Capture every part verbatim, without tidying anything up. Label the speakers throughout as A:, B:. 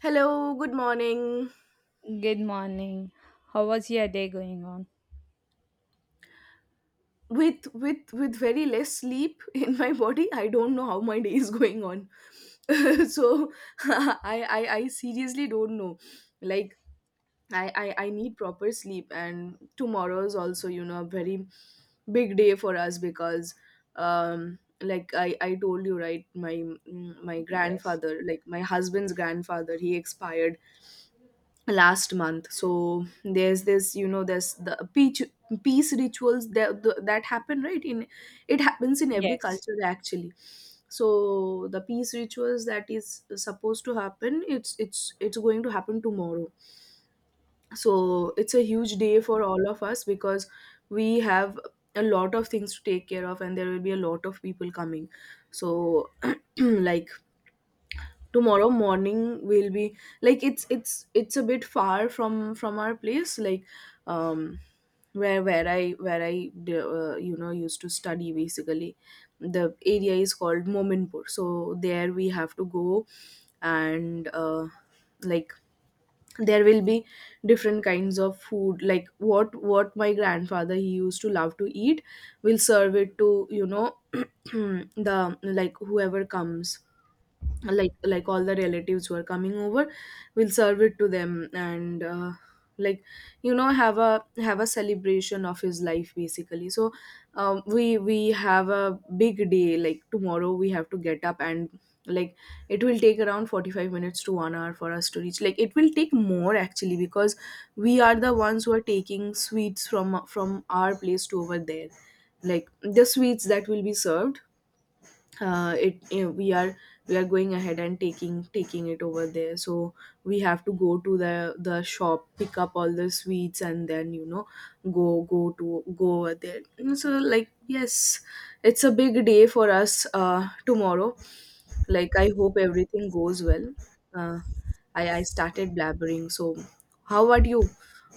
A: Hello, good morning.
B: Good morning. How was your day going on?
A: With with with very less sleep in my body, I don't know how my day is going on. so I, I I seriously don't know. Like I, I I need proper sleep, and tomorrow is also you know a very big day for us because um like I I told you, right? My mm, my
B: Yes.
A: grandfather, like my husband's grandfather, he expired last month, so there's this, you know, there's the peace peace rituals that the, that happen, right? in It happens in every
B: Yes.
A: culture, actually, so the peace rituals that is supposed to happen, it's it's it's going to happen tomorrow. So it's a huge day for all of us because we have a lot of things to take care of, and there will be a lot of people coming. So like tomorrow morning will be like it's it's it's a bit far from from our place, like um where where i where i uh, you know, used to study basically. The area is called Mominpur, so there we have to go. And uh, like there will be different kinds of food, like what what my grandfather, he used to love to eat, will serve it to, you know, the, like whoever comes, like like all the relatives who are coming over, we'll serve it to them. And uh, like, you know, have a have a celebration of his life, basically. So um, we we have a big day, like tomorrow we have to get up. And like it will take around forty-five minutes to one hour for us to reach. Like it will take more actually, because we are the ones who are taking sweets from from our place to over there, like the sweets that will be served. Uh, it, you know, we are, we are going ahead and taking taking it over there. So we have to go to the the shop, pick up all the sweets, and then, you know, go go to go over there. And so, like, yes, it's a big day for us, uh, tomorrow. Like, I hope everything goes well. uh, i i started blabbering. So how about you?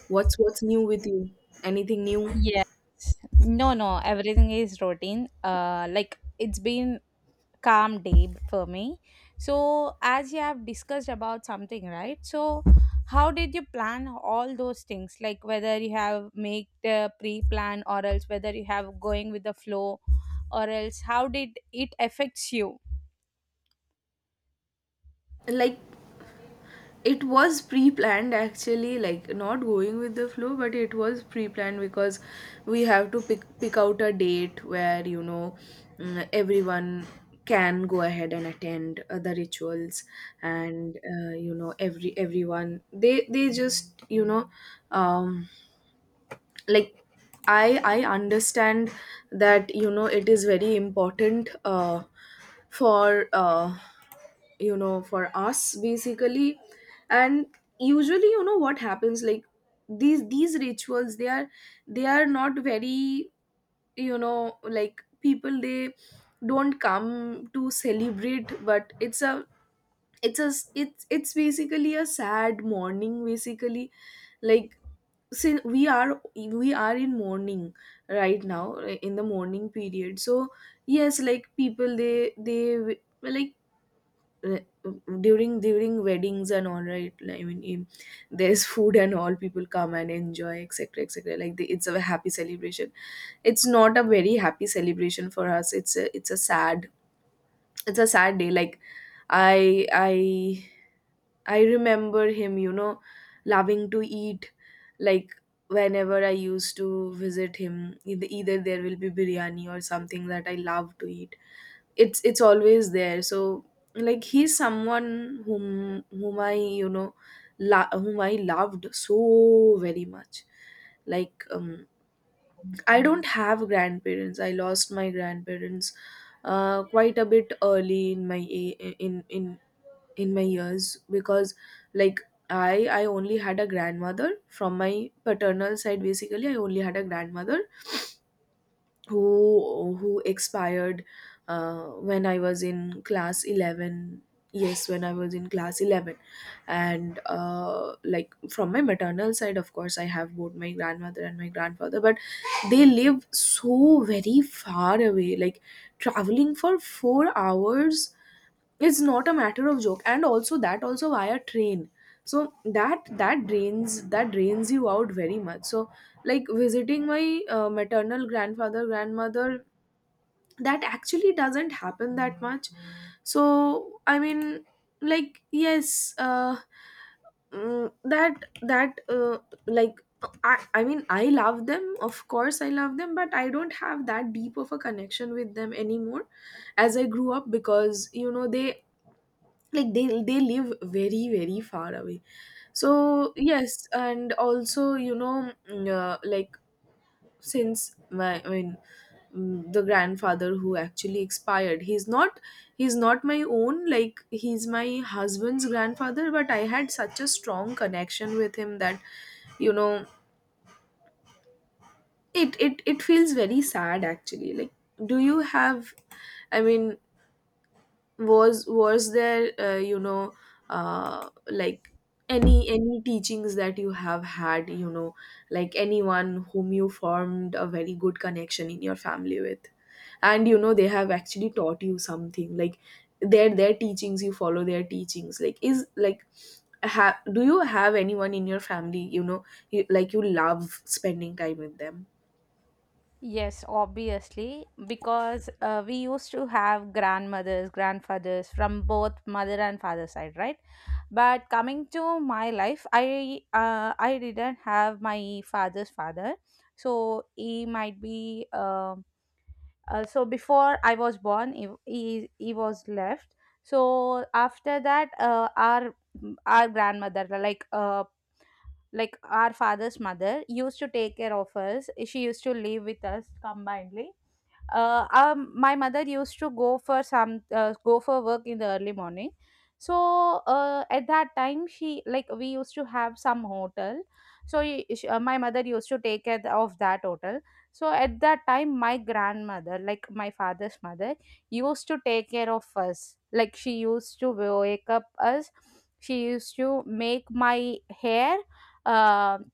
A: What's what's new with you? Anything new?
B: Yes. No, no, everything is routine. Uh, like it's been calm day for me. So as you have discussed about something, right? So how did you plan all those things? Like whether you have make the pre-plan or else whether you have going with the flow, or else how did it affects you?
A: Like it was pre-planned, actually, like not going with the flow, but it was pre-planned because we have to pick pick out a date where, you know, mm, everyone can go ahead and attend uh, the rituals. And uh, you know, every everyone they they just, you know, um, like I I understand that, you know, it is very important uh, for uh, you know, for us basically. And usually, you know, what happens, like these these rituals, they are, they are not very, you know, like people, they don't come to celebrate, but it's a, it's a, it's it's basically a sad morning basically. Like since we are we are in mourning right now in the morning period. So yes, like people, they they like re- during during weddings and all, right? Like, I mean, in, there's food and all, people come and enjoy, etc., etc., like the, it's a happy celebration. It's not a very happy celebration for us. It's a, it's a sad, it's a sad day. Like I i i remember him, you know, loving to eat. Like whenever I used to visit him, either, either there will be biryani or something that I love to eat. It's it's always there. So like he's someone whom whom I, you know, lo- whom I loved so very much. Like um, I don't have grandparents. I lost my grandparents uh, quite a bit early in my a- in in in my years, because like i i only had a grandmother from my paternal side. Basically, I only had a grandmother who who expired uh, when I was in class eleven. Yes, when I was in class eleven. And uh, like from my maternal side, of course, I have both my grandmother and my grandfather, but they live so very far away. Like, traveling for four hours, it's not a matter of joke, and also that also via train. So that, that drains that drains you out very much. So like visiting my uh, maternal grandfather, grandmother, that actually doesn't happen that much. So I mean, like yes, uh, mm, that that uh, like I, I mean, I love them, of course I love them, but I don't have that deep of a connection with them anymore, as I grew up, because, you know, they, like they they live very, very far away. So yes, and also, you know, mm, uh, like since my, I mean, mm, the grandfather who actually expired, he's not, he's not my own, like he's my husband's grandfather, but I had such a strong connection with him that, you know, it it it feels very sad actually. Like, do you have, I mean, was was there uh, you know, uh, like any any teachings that you have had, you know, like anyone whom you formed a very good connection in your family with, and, you know, they have actually taught you something, like their their teachings, you follow their teachings, like is like, ha- do you have anyone in your family, you know, you, like you love spending time with them?
B: Yes, obviously, because uh, we used to have grandmothers, grandfathers from both mother and father side, right? But coming to my life, I uh, I didn't have my father's father, so he might be. Um uh, so before I was born, he he, he was left. So after that, uh, our our grandmother, like uh, like our father's mother, used to take care of us. She used to live with us combinedly. Uh, um, my mother used to go for some uh, go for work in the early morning, so uh, at that time she, like, we used to have some hotel. So y- sh- uh, my mother used to take care of that hotel. So at that time my grandmother, like my father's mother, used to take care of us, like she used to wake up us. She used to make my hair. um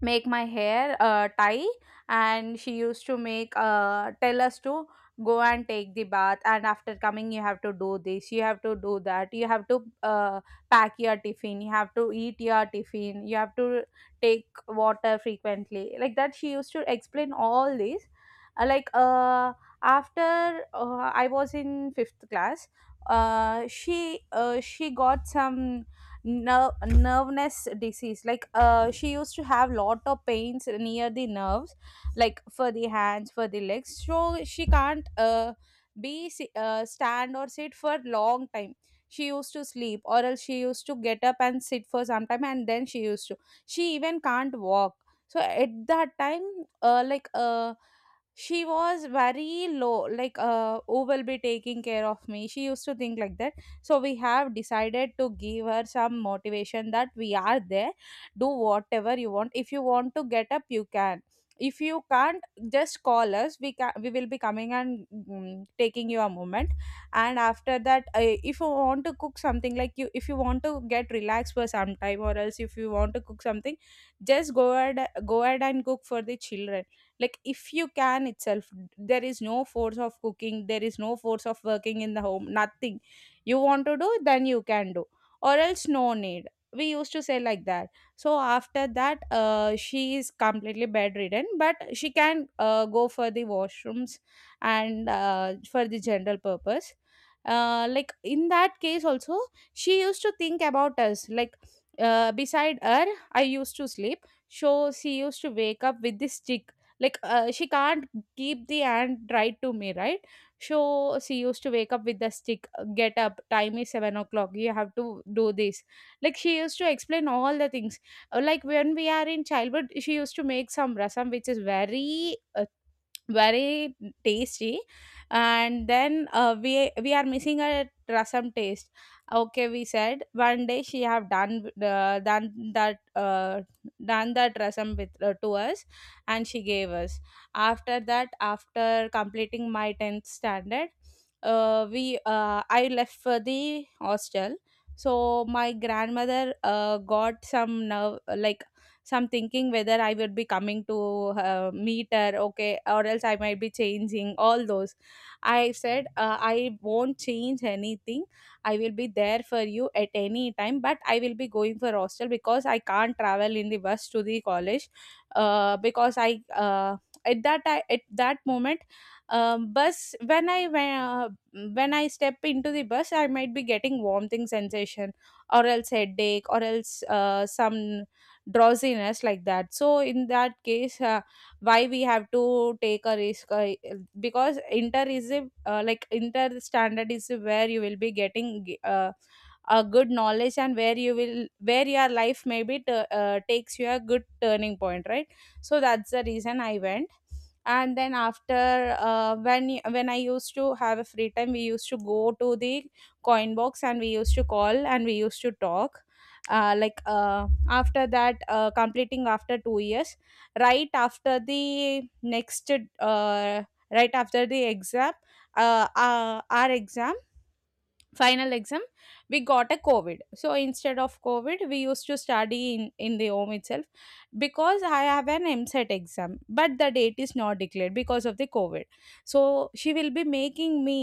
B: Make my hair uh, tie. And she used to make uh, tell us to go and take the bath, and after coming you have to do this, you have to do that, you have to uh, pack your tiffin, you have to eat your tiffin, you have to take water frequently, like that she used to explain all this. Uh, like uh, After uh, I was in fifth class, uh, she uh, she got some nerve nerveness disease, like uh she used to have lot of pains near the nerves, like for the hands, for the legs. So she can't uh be si- uh, stand or sit for long time. She used to sleep, or else she used to get up and sit for some time, and then she used to she even can't walk. So at that time, uh like uh she was very low. Like, uh who will be taking care of me, she used to think like that. So we have decided to give her some motivation that we are there. Do whatever you want. If you want to get up, you can. If you can't, just call us. We can we will be coming and mm, taking you a moment. And after that, uh, if you want to cook something, like, you, if you want to get relaxed for some time, or else if you want to cook something, just go ahead, go ahead and cook for the children. Like, if you can itself. There is no force of cooking, there is no force of working in the home, nothing. You want to do, then you can do. Or else no need. We used to say like that. So after that, uh, she is completely bedridden, but she can uh, go for the washrooms and uh, for the general purpose. Uh, like, in that case also, she used to think about us. Like, uh, beside her I used to sleep, so she used to wake up with this stick. Like, uh, she can't keep the hand right to me, right? So she used to wake up with the stick, uh, get up, time is seven o'clock, you have to do this. Like she used to explain all the things. Uh, Like, when we are in childhood, she used to make some rasam, which is very uh, very tasty. And then uh, we we are missing a rasam taste. Okay, we said one day she have done uh, done that uh, done that rasam with uh, to us, and she gave us. After that, after completing my tenth standard, uh, we uh, I left for the hostel. So my grandmother uh, got some nerve, like. So I'm thinking whether I would be coming to uh, meet her, okay, or else I might be changing all those. I said, uh, I won't change anything. I will be there for you at any time, but I will be going for hostel, because I can't travel in the bus to the college uh, because I. Uh, at that I, at that moment, um, bus, when I went, when I step into the bus, I might be getting vomiting sensation, or else headache, or else uh, some drowsiness, like that. So in that case, uh, why we have to take a risk? Uh, because inter is a uh, like inter standard is where you will be getting uh, a good knowledge, and where you will, where your life maybe t- uh, uh, takes you a good turning point, right? So that's the reason I went. And then after uh, when when I used to have a free time, we used to go to the coin box, and we used to call, and we used to talk. uh, like uh, After that, uh, completing after two years, right after the next, uh, right after the exam, uh, uh, our exam, final exam, we got a COVID. So instead of COVID, we used to study in in the home itself, because I have an MSET exam, but the date is not declared because of the COVID. So she will be making me,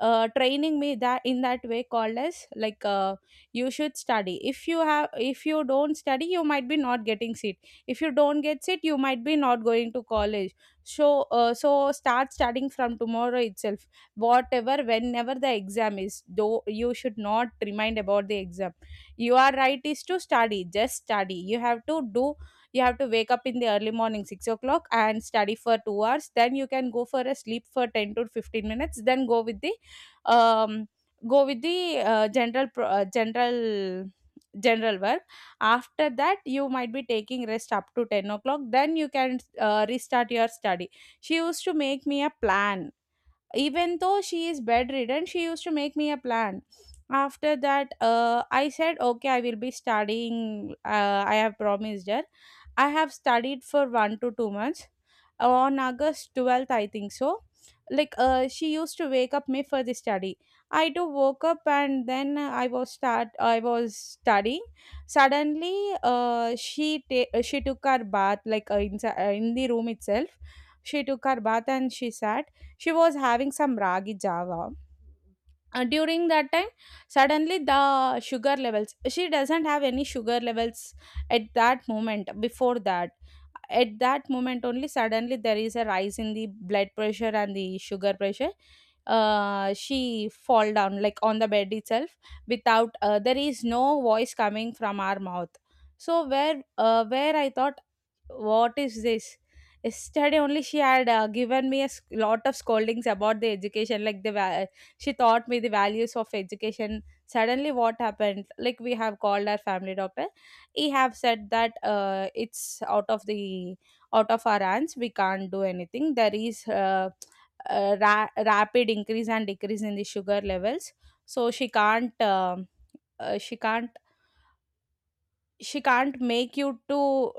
B: uh, training me, that in that way called as like, uh, you should study. If you have, if you don't study, you might be not getting seat. If you don't get seat, you might be not going to college. So uh, so start studying from tomorrow itself. Whatever, whenever the exam is, though you should not remind about the exam. Your right is to study, just study you have to do. You have to wake up in the early morning six o'clock and study for two hours, then you can go for a sleep for ten to fifteen minutes, then go with the um go with the uh, general pro- uh, general general work. After that you might be taking rest up to ten o'clock, then you can uh, restart your study. She used to make me a plan. Even though she is bedridden, she used to make me a plan. After that, uh, I said okay I will be studying. uh, I have promised her. I have studied for one to two months. On August twelfth, I think so, like, uh, she used to wake up me for the study. I do woke up, and then i was start I was studying. Suddenly, uh, she ta- she took her bath, like uh, in, uh, in the room itself. She took her bath and she sat. She was having some ragi java uh, during that time. Suddenly, the sugar levels, she doesn't have any sugar levels at that moment, before that. At that moment only, suddenly there is a rise in the blood pressure and the sugar pressure. Uh she fall down like on the bed itself. Without uh, there is no voice coming from our mouth. So where, uh, where I thought, what is this? Yesterday only she had uh, given me a s- lot of scoldings about the education, like the va- she taught me the values of education. Suddenly, what happened? Like, we have called our family doctor. He have said that uh, it's out of the, out of our hands. We can't do anything. There is uh, a ra- rapid increase and decrease in the sugar levels, so she can't. um uh, she can't she can't make you to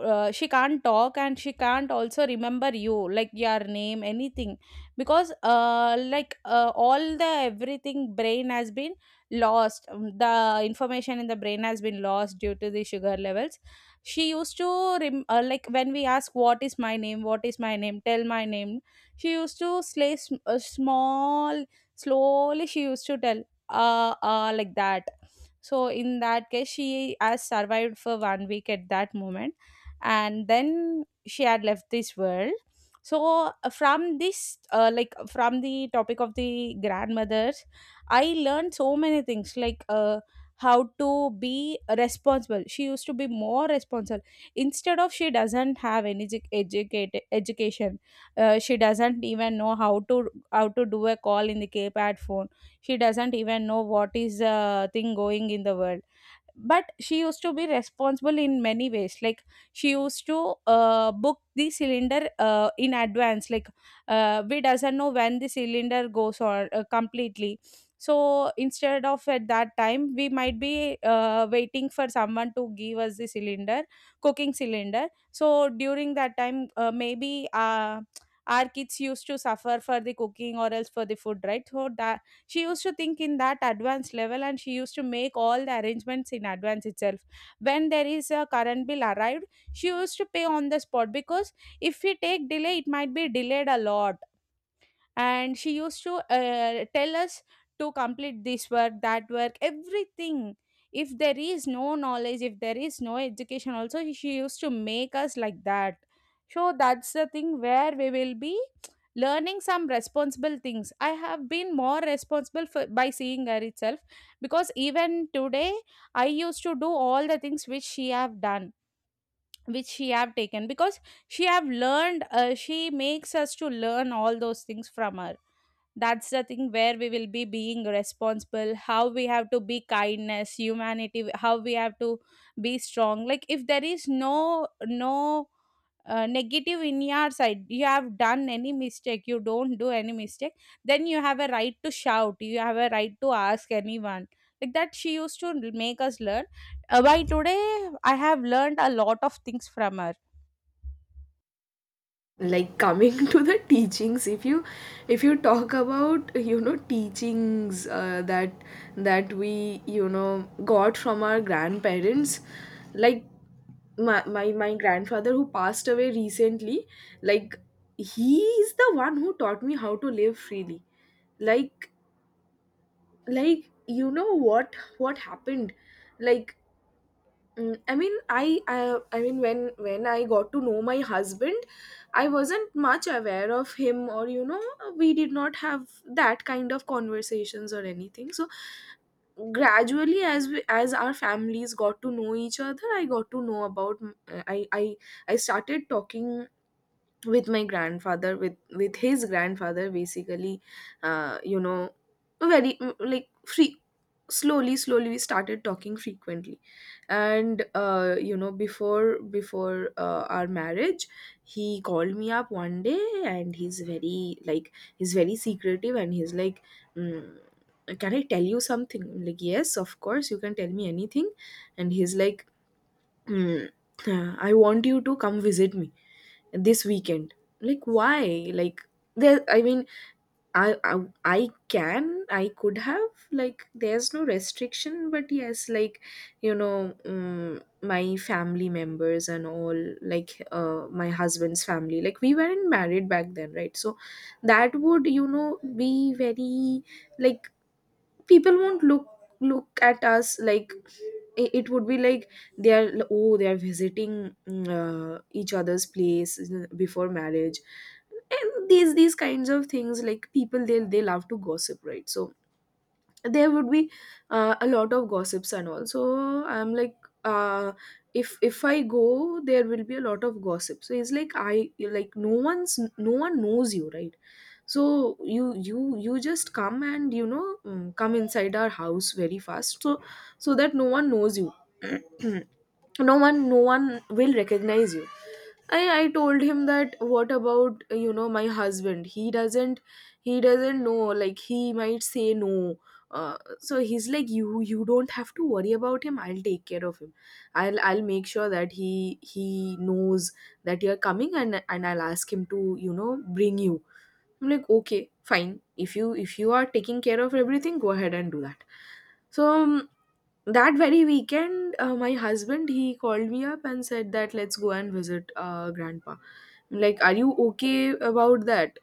B: uh, She can't talk, and she can't also remember you, like, your name, anything. Because uh, like uh, all the, everything brain has been lost. Um, the information in the brain has been lost due to the sugar levels. She used to rem- uh, like, when we ask, what is my name, what is my name, tell my name, she used to slay sm- uh, small, slowly she used to tell, uh, uh like that. So in that case, she has survived for one week at that moment, and then she had left this world. So, uh, from this, uh, like, from the topic of the grandmothers, I learned so many things, like uh, how to be responsible. She used to be more responsible, instead of she doesn't have any edu- educate education. Uh, she doesn't even know how to, how to do a call in the keypad phone. She doesn't even know what is uh, thing going in the world. But she used to be responsible in many ways, like she used to uh, book the cylinder uh, in advance. Like, uh, we doesn't know when the cylinder goes on uh, completely. So instead of, at that time we might be uh, waiting for someone to give us the cylinder, cooking cylinder. So during that time, uh, maybe uh, our kids used to suffer for the cooking, or else for the food, right? So that, she used to think in that advanced level, and she used to make all the arrangements in advance itself. When there is a current bill arrived, she used to pay on the spot, because if we take delay it might be delayed a lot. And she used to uh, tell us to complete this work, that work, everything. If there is no knowledge, if there is no education also, she used to make us like that. So that's the thing where we will be learning some responsible things. I have been more responsible for, by seeing her itself. Because even today, I used to do all the things which she have done, which she have taken, because she have learned, uh, she makes us to learn all those things from her. That's the thing where we will be being responsible, how we have to be kindness, humanity, how we have to be strong. Like, if there is no no uh, negative in your side, you have done any mistake, you don't do any mistake, then you have a right to shout, you have a right to ask anyone, like that she used to make us learn. Uh, by today, I have learned a lot of things from her.
A: Like, coming to the teachings, if you, if you talk about, you know, teachings uh, that, that we, you know, got from our grandparents, like my, my my grandfather who passed away recently, like he is the one who taught me how to live freely. like like you know, what what happened? Like Mm, I mean, I, I, I mean, when when I got to know my husband, I wasn't much aware of him, or, you know, we did not have that kind of conversations or anything. So gradually, as we, as our families got to know each other, I got to know about. I I I started talking with my grandfather, with with his grandfather basically, uh, you know, very mm, like free. Slowly, slowly, we started talking frequently. And uh, you know, before before uh, our marriage, he called me up one day, and he's very, like, he's very secretive, and he's like mm, can I tell you something? I'm like, yes, of course, you can tell me anything. And he's like mm, I want you to come visit me this weekend. Like, why? Like, there, I mean, I, I I can, I could have, like, there's no restriction, but yes, like, you know, um, my family members and all, like uh, my husband's family, like we weren't married back then, right? So that would, you know, be very, like, people won't look look at us like i- it would be like, they are l- oh, they are visiting, mm, uh, each other's place uh, before marriage, and these these kinds of things, like people, they they love to gossip, right? So there would be uh, a lot of gossips and all. So I'm like, uh if if I go, there will be a lot of gossip. So it's like, I, like, no one's, no one knows you, right? So you you you just come and, you know, mm, come inside our house very fast, so so that no one knows you. No one no one will recognize you. I i told him that, what about, you know, my husband, he doesn't, he doesn't know, like, he might say no. Uh, so he's like, you you don't have to worry about him, I'll take care of him. i'll I'll make sure that he he knows that you're coming, and and I'll ask him to, you know, bring you. I'm like, okay, fine. If you, if you are taking care of everything, go ahead and do that. So um, that very weekend, uh, my husband, he called me up and said that, let's go and visit uh, grandpa. I'm like, are you okay about that?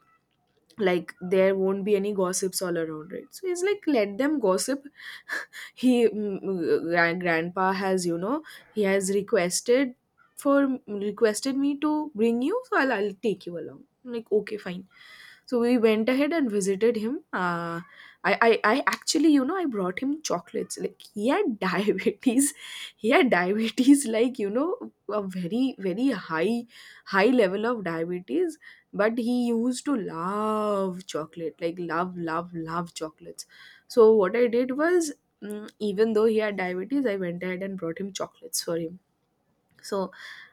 A: Like, there won't be any gossips all around, right? So he's like, let them gossip. He mm, gran- grandpa has, you know, he has requested for requested me to bring you, so I'll I'll take you along. I'm like, okay, fine. So we went ahead and visited him. Uh, I, I, I actually, you know, I brought him chocolates. Like, he had diabetes. He had diabetes, like, you know, a very, very high, high level of diabetes. But he used to love chocolate, like, love, love, love chocolates. So what I did was, mm, even though he had diabetes, I went ahead and brought him chocolates for him. So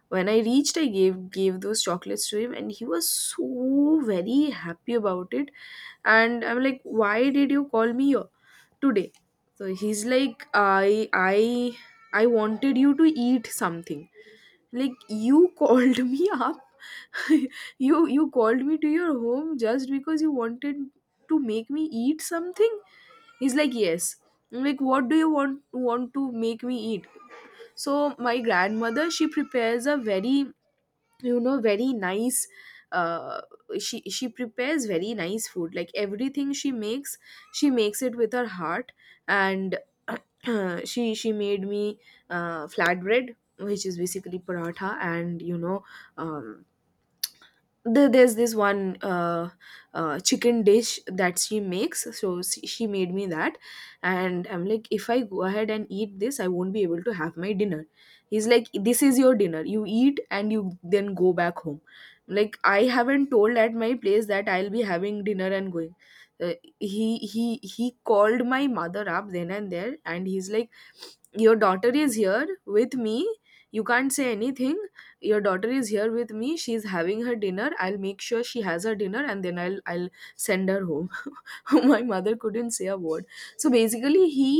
A: when I reached, I gave gave those chocolates to him, and he was so very happy about it. And I'm like, why did you call me yo- today? So he's like, i i i wanted you to eat something. Like, you called me up. you you called me to your home just because you wanted to make me eat something. He's like, yes. I'm like, what do you want want to make me eat? So my grandmother, she prepares a very, you know, very nice, uh she she prepares very nice food. Like, everything she makes, she makes it with her heart. And she she made me uh flatbread, which is basically paratha. And you know, um the, there's this one uh, uh, chicken dish that she makes. So she, she made me that. And I'm like, if I go ahead and eat this, I won't be able to have my dinner. He's like, this is your dinner. You eat, and you then go back home. Like, I haven't told at my place that I'll be having dinner and going. uh, he he he called my mother up then and there, and he's like, your daughter is here with me. You can't say anything. Your daughter is here with me. She's having her dinner. I'll make sure she has her dinner, and then i'll i'll send her home. My mother couldn't say a word. So basically he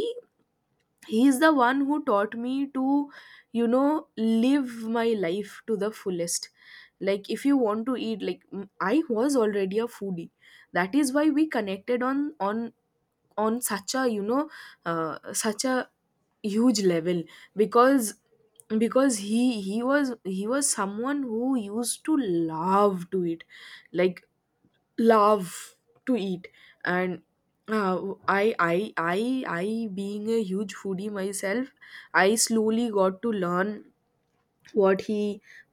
A: he's the one who taught me to, you know, live my life to the fullest. Like, if you want to eat, like, m- I was already a foodie. That is why we connected on on on such a, you know, uh, such a huge level. Because because he he was he was someone who used to love to eat. Like, love to eat. And uh, I I I I, being a huge foodie myself, I slowly got to learn what he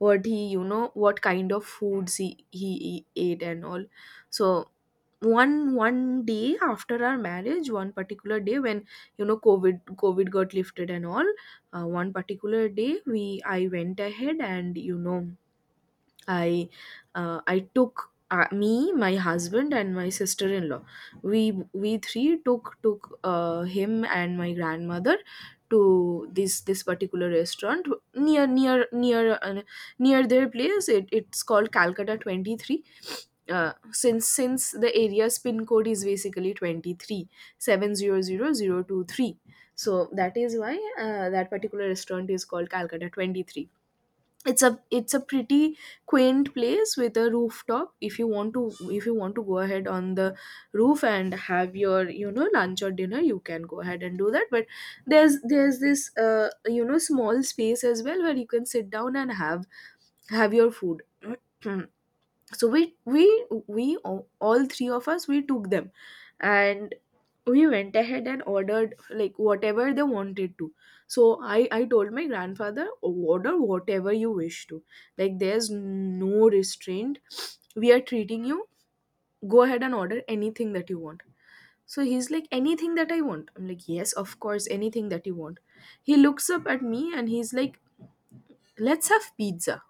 A: what he you know, what kind of foods he he ate and all. So one one day after our marriage, one particular day when, you know, covid covid got lifted and all, uh, one particular day we I went ahead and, you know, I uh, I took, uh, me, my husband, and my sister-in-law. We we three took took uh, him and my grandmother to this this particular restaurant near near near uh, near their place. It, it's called Calcutta Twenty Three. Uh, since since the area's pin code is basically twenty three, seven zero zero zero two three, so that is why uh, that particular restaurant is called Calcutta twenty three. It's a it's a pretty quaint place with a rooftop. If you want to if you want to go ahead on the roof and have your, you know, lunch or dinner, you can go ahead and do that. But there's there's this, uh, you know, small space as well where you can sit down and have have your food. So we we we all all three of us, we took them, and we went ahead and ordered, like, whatever they wanted to. So i i told my grandfather, order whatever you wish to. Like, there's no restraint. We are treating you. Go ahead and order anything that you want. So he's like, anything that I want? I'm like, yes, of course, anything that you want. He looks up at me and he's like, let's have pizza.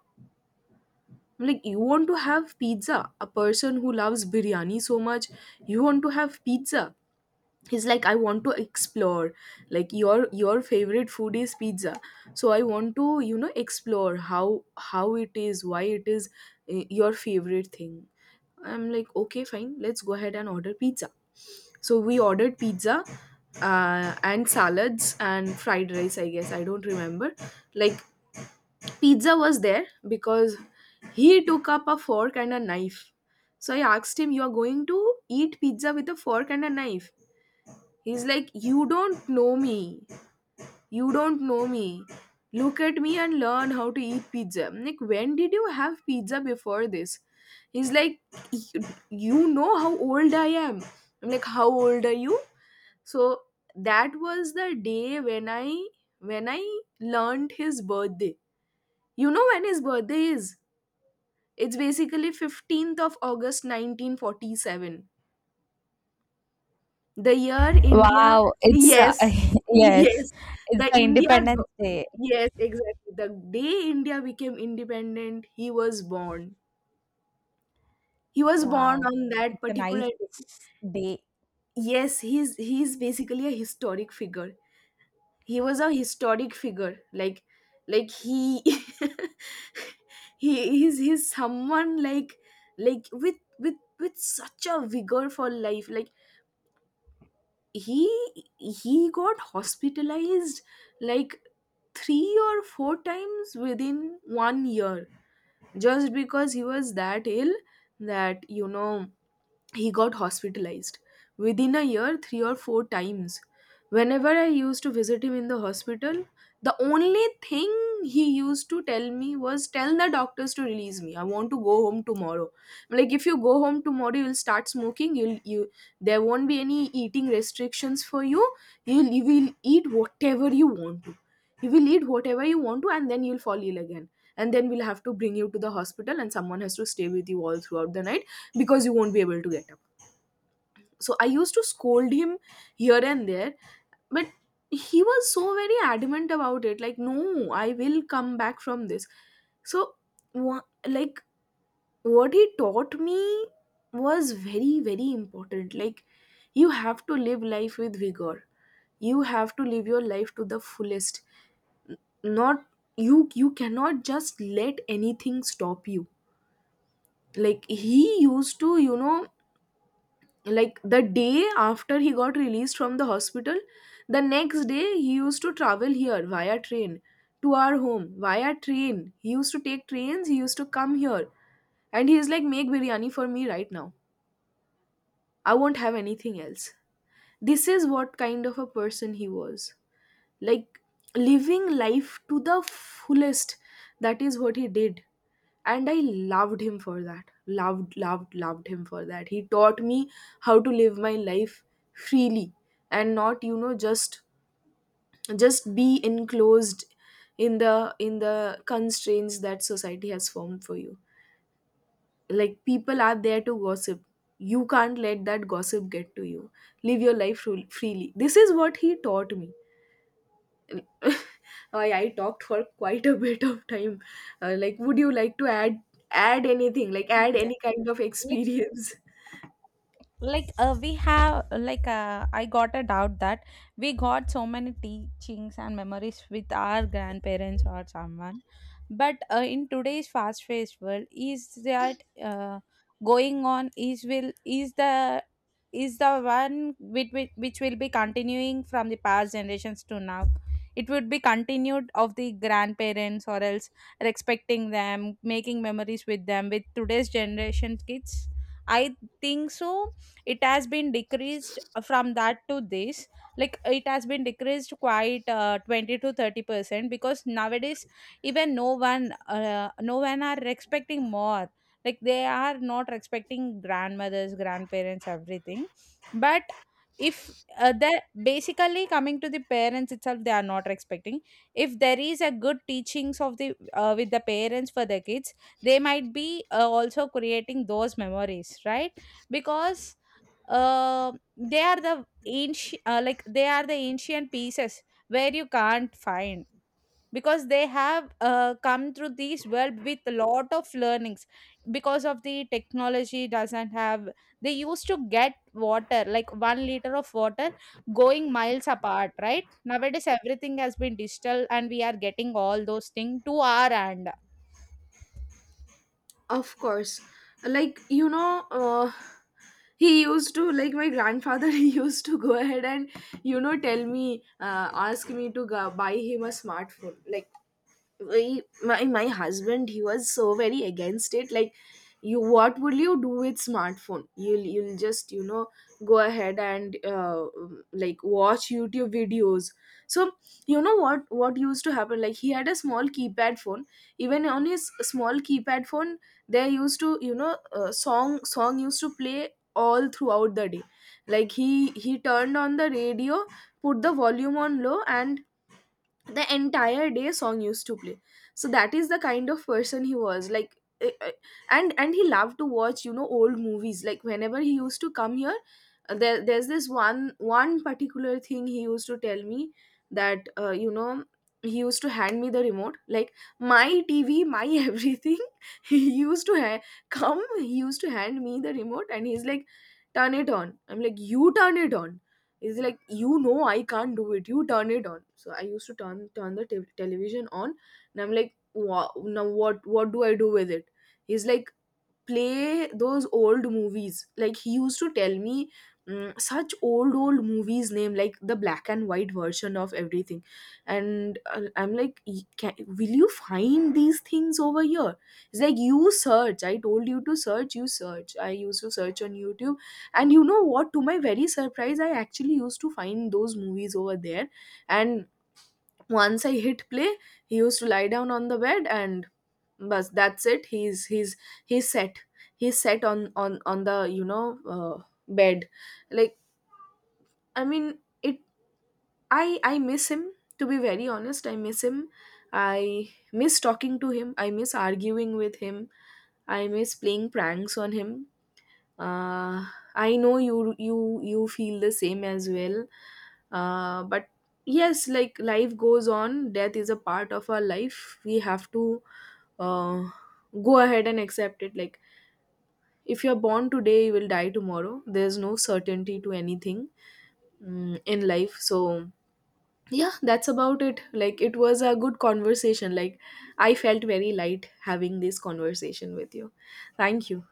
A: I'm like, you want to have pizza? A person who loves biryani so much, you want to have pizza? He's like, I want to explore. Like, your your favorite food is pizza. So I want to, you know, explore how how it is, why it is, uh, your favorite thing. I'm like, okay, fine, let's go ahead and order pizza. So we ordered pizza, uh, and salads and fried rice, I guess. I don't remember. Like, pizza was there because he took up a fork and a knife. So I asked him, you are going to eat pizza with a fork and a knife? He's like, you don't know me. You don't know me. Look at me and learn how to eat pizza. I'm like, when did you have pizza before this? He's like, You you know how old I am. I'm like, how old are you? So that was the day when I when I learned his birthday. You know when his birthday is? It's basically fifteenth of August nineteen forty-seven. The year India,
B: Wow, it's uh,
A: yes,
B: yes,
A: yes,
B: it's
A: the
B: the
A: India,
B: Independence
A: go-
B: Day.
A: yes, exactly. The day India became independent, he was born. He was born
B: Wow,
A: on that
B: it's a
A: particular
B: nice
A: day.
B: day.
A: Yes, he's he's basically a historic figure. He was a historic figure. Like, like he, he is he's he's someone, like like with with with such a vigor for life. Like, he he got hospitalized, like, three or four times within one year, just because he was that ill that, you know, he got hospitalized within a year three or four times. Whenever I used to visit him in the hospital, the only thing he used to tell me was, tell the doctors to release me, I want to go home tomorrow. I'm like, if you go home tomorrow, you'll start smoking. You'll you There won't be any eating restrictions for you. You'll you will eat whatever you want to. You will eat whatever you want to, and then you'll fall ill again, and then we'll have to bring you to the hospital, and someone has to stay with you all throughout the night because you won't be able to get up. So I used to scold him here and there, but he was so very adamant about it, like, no, I will come back from this. So, wha- like, what he taught me was very, very important. Like, you have to live life with vigor, you have to live your life to the fullest. Not you, you cannot just let anything stop you. Like, he used to, you know, like the day after he got released from the hospital, the next day he used to travel here via train, to our home via train. He used to take trains, he used to come here. And he's like, make biryani for me right now, I won't have anything else. This is what kind of a person he was. Like, living life to the fullest, that is what he did. And I loved him for that. Loved, loved, loved him for that. He taught me how to live my life freely, and not, you know, just just be enclosed in the in the constraints that society has formed for you. Like, people are there to gossip. You can't let that gossip get to you. Live your life fru- freely. This is what he taught me. I I talked for quite a bit of time. Uh, like, would you like to add add anything? Like, add
B: Yes.
A: any kind of
B: Like,
A: experience?
B: like uh, we have, like uh, I got a doubt that we got so many teachings and memories with our grandparents or someone. But uh, in today's fast-paced world, is that uh, going on? Is will is the, is the one which, which, which will be continuing from the past generations to now? It would be continued of the grandparents, or else respecting them, making memories with them, with today's generation kids. I think so. It has been decreased from that to this. Like, it has been decreased quite uh, twenty to thirty percent, because nowadays even no one uh, no one are expecting more. Like, they are not respecting grandmothers, grandparents, everything. But if uh, they, basically, coming to the parents itself, they are not respecting. If there is a good teachings of the uh, with the parents for the kids, they might be uh, also creating those memories, right? Because uh, they are the ancient, uh, like, they are the ancient pieces where you can't find. Because they have uh, come through this world with a lot of learnings, because of the technology doesn't have. They used to get water like one liter of water going miles apart, right? Nowadays everything has been digital and we are getting all those things to our hand.
A: Of course. Like, you know, uh, he used to, like, my grandfather, he used to go ahead and, you know, tell me, uh, ask me to go buy him a smartphone. Like, My my my husband, he was so very against it. Like, you what will you do with smartphone? You'll you'll just, you know, go ahead and, uh, like, watch YouTube videos. So, you know what what used to happen? Like, he had a small keypad phone. Even on his small keypad phone, they used to, you know, uh, song song used to play all throughout the day. Like, he he turned on the radio, put the volume on low, and the entire day song used to play. So that is the kind of person he was. Like, eh, eh, and and he loved to watch, you know, old movies. Like, whenever he used to come here, uh, there, there's this one one particular thing he used to tell me. That, uh, you know, he used to hand me the remote. Like, my TV, my, everything. he used to ha- come he used to hand me the remote and he's like, turn it on. I'm like, you turn it on. Is like you know, I can't do it, you turn it on. So I used to turn turn the te- television on. And I'm like, wow, now what what do I do with it? He's like, play those old movies. Like, he used to tell me, mm, such old old movies name, like the black and white version of everything. And, uh, I'm like, "Y- can, will you find these things over here? It's like, you search, I told you to search, you search. I used to search on YouTube, and you know what, to my very surprise, I actually used to find those movies over there. And once I hit play, he used to lie down on the bed and, but that's it, he's he's he's set he's set on on on the, you know, uh, bed. Like, I mean it. I i miss him. To be very honest, I miss him. I miss talking to him, I miss arguing with him, I miss playing pranks on him. uh, I know you you you feel the same as well. Uh, but yes, like, life goes on. Death is a part of our life. We have to, uh, go ahead and accept it. Like, if you're born today, you will die tomorrow. There's no certainty to anything mm, in life. So, yeah, that's about it. Like, it was a good conversation. Like, I felt very light having this conversation with you. Thank you.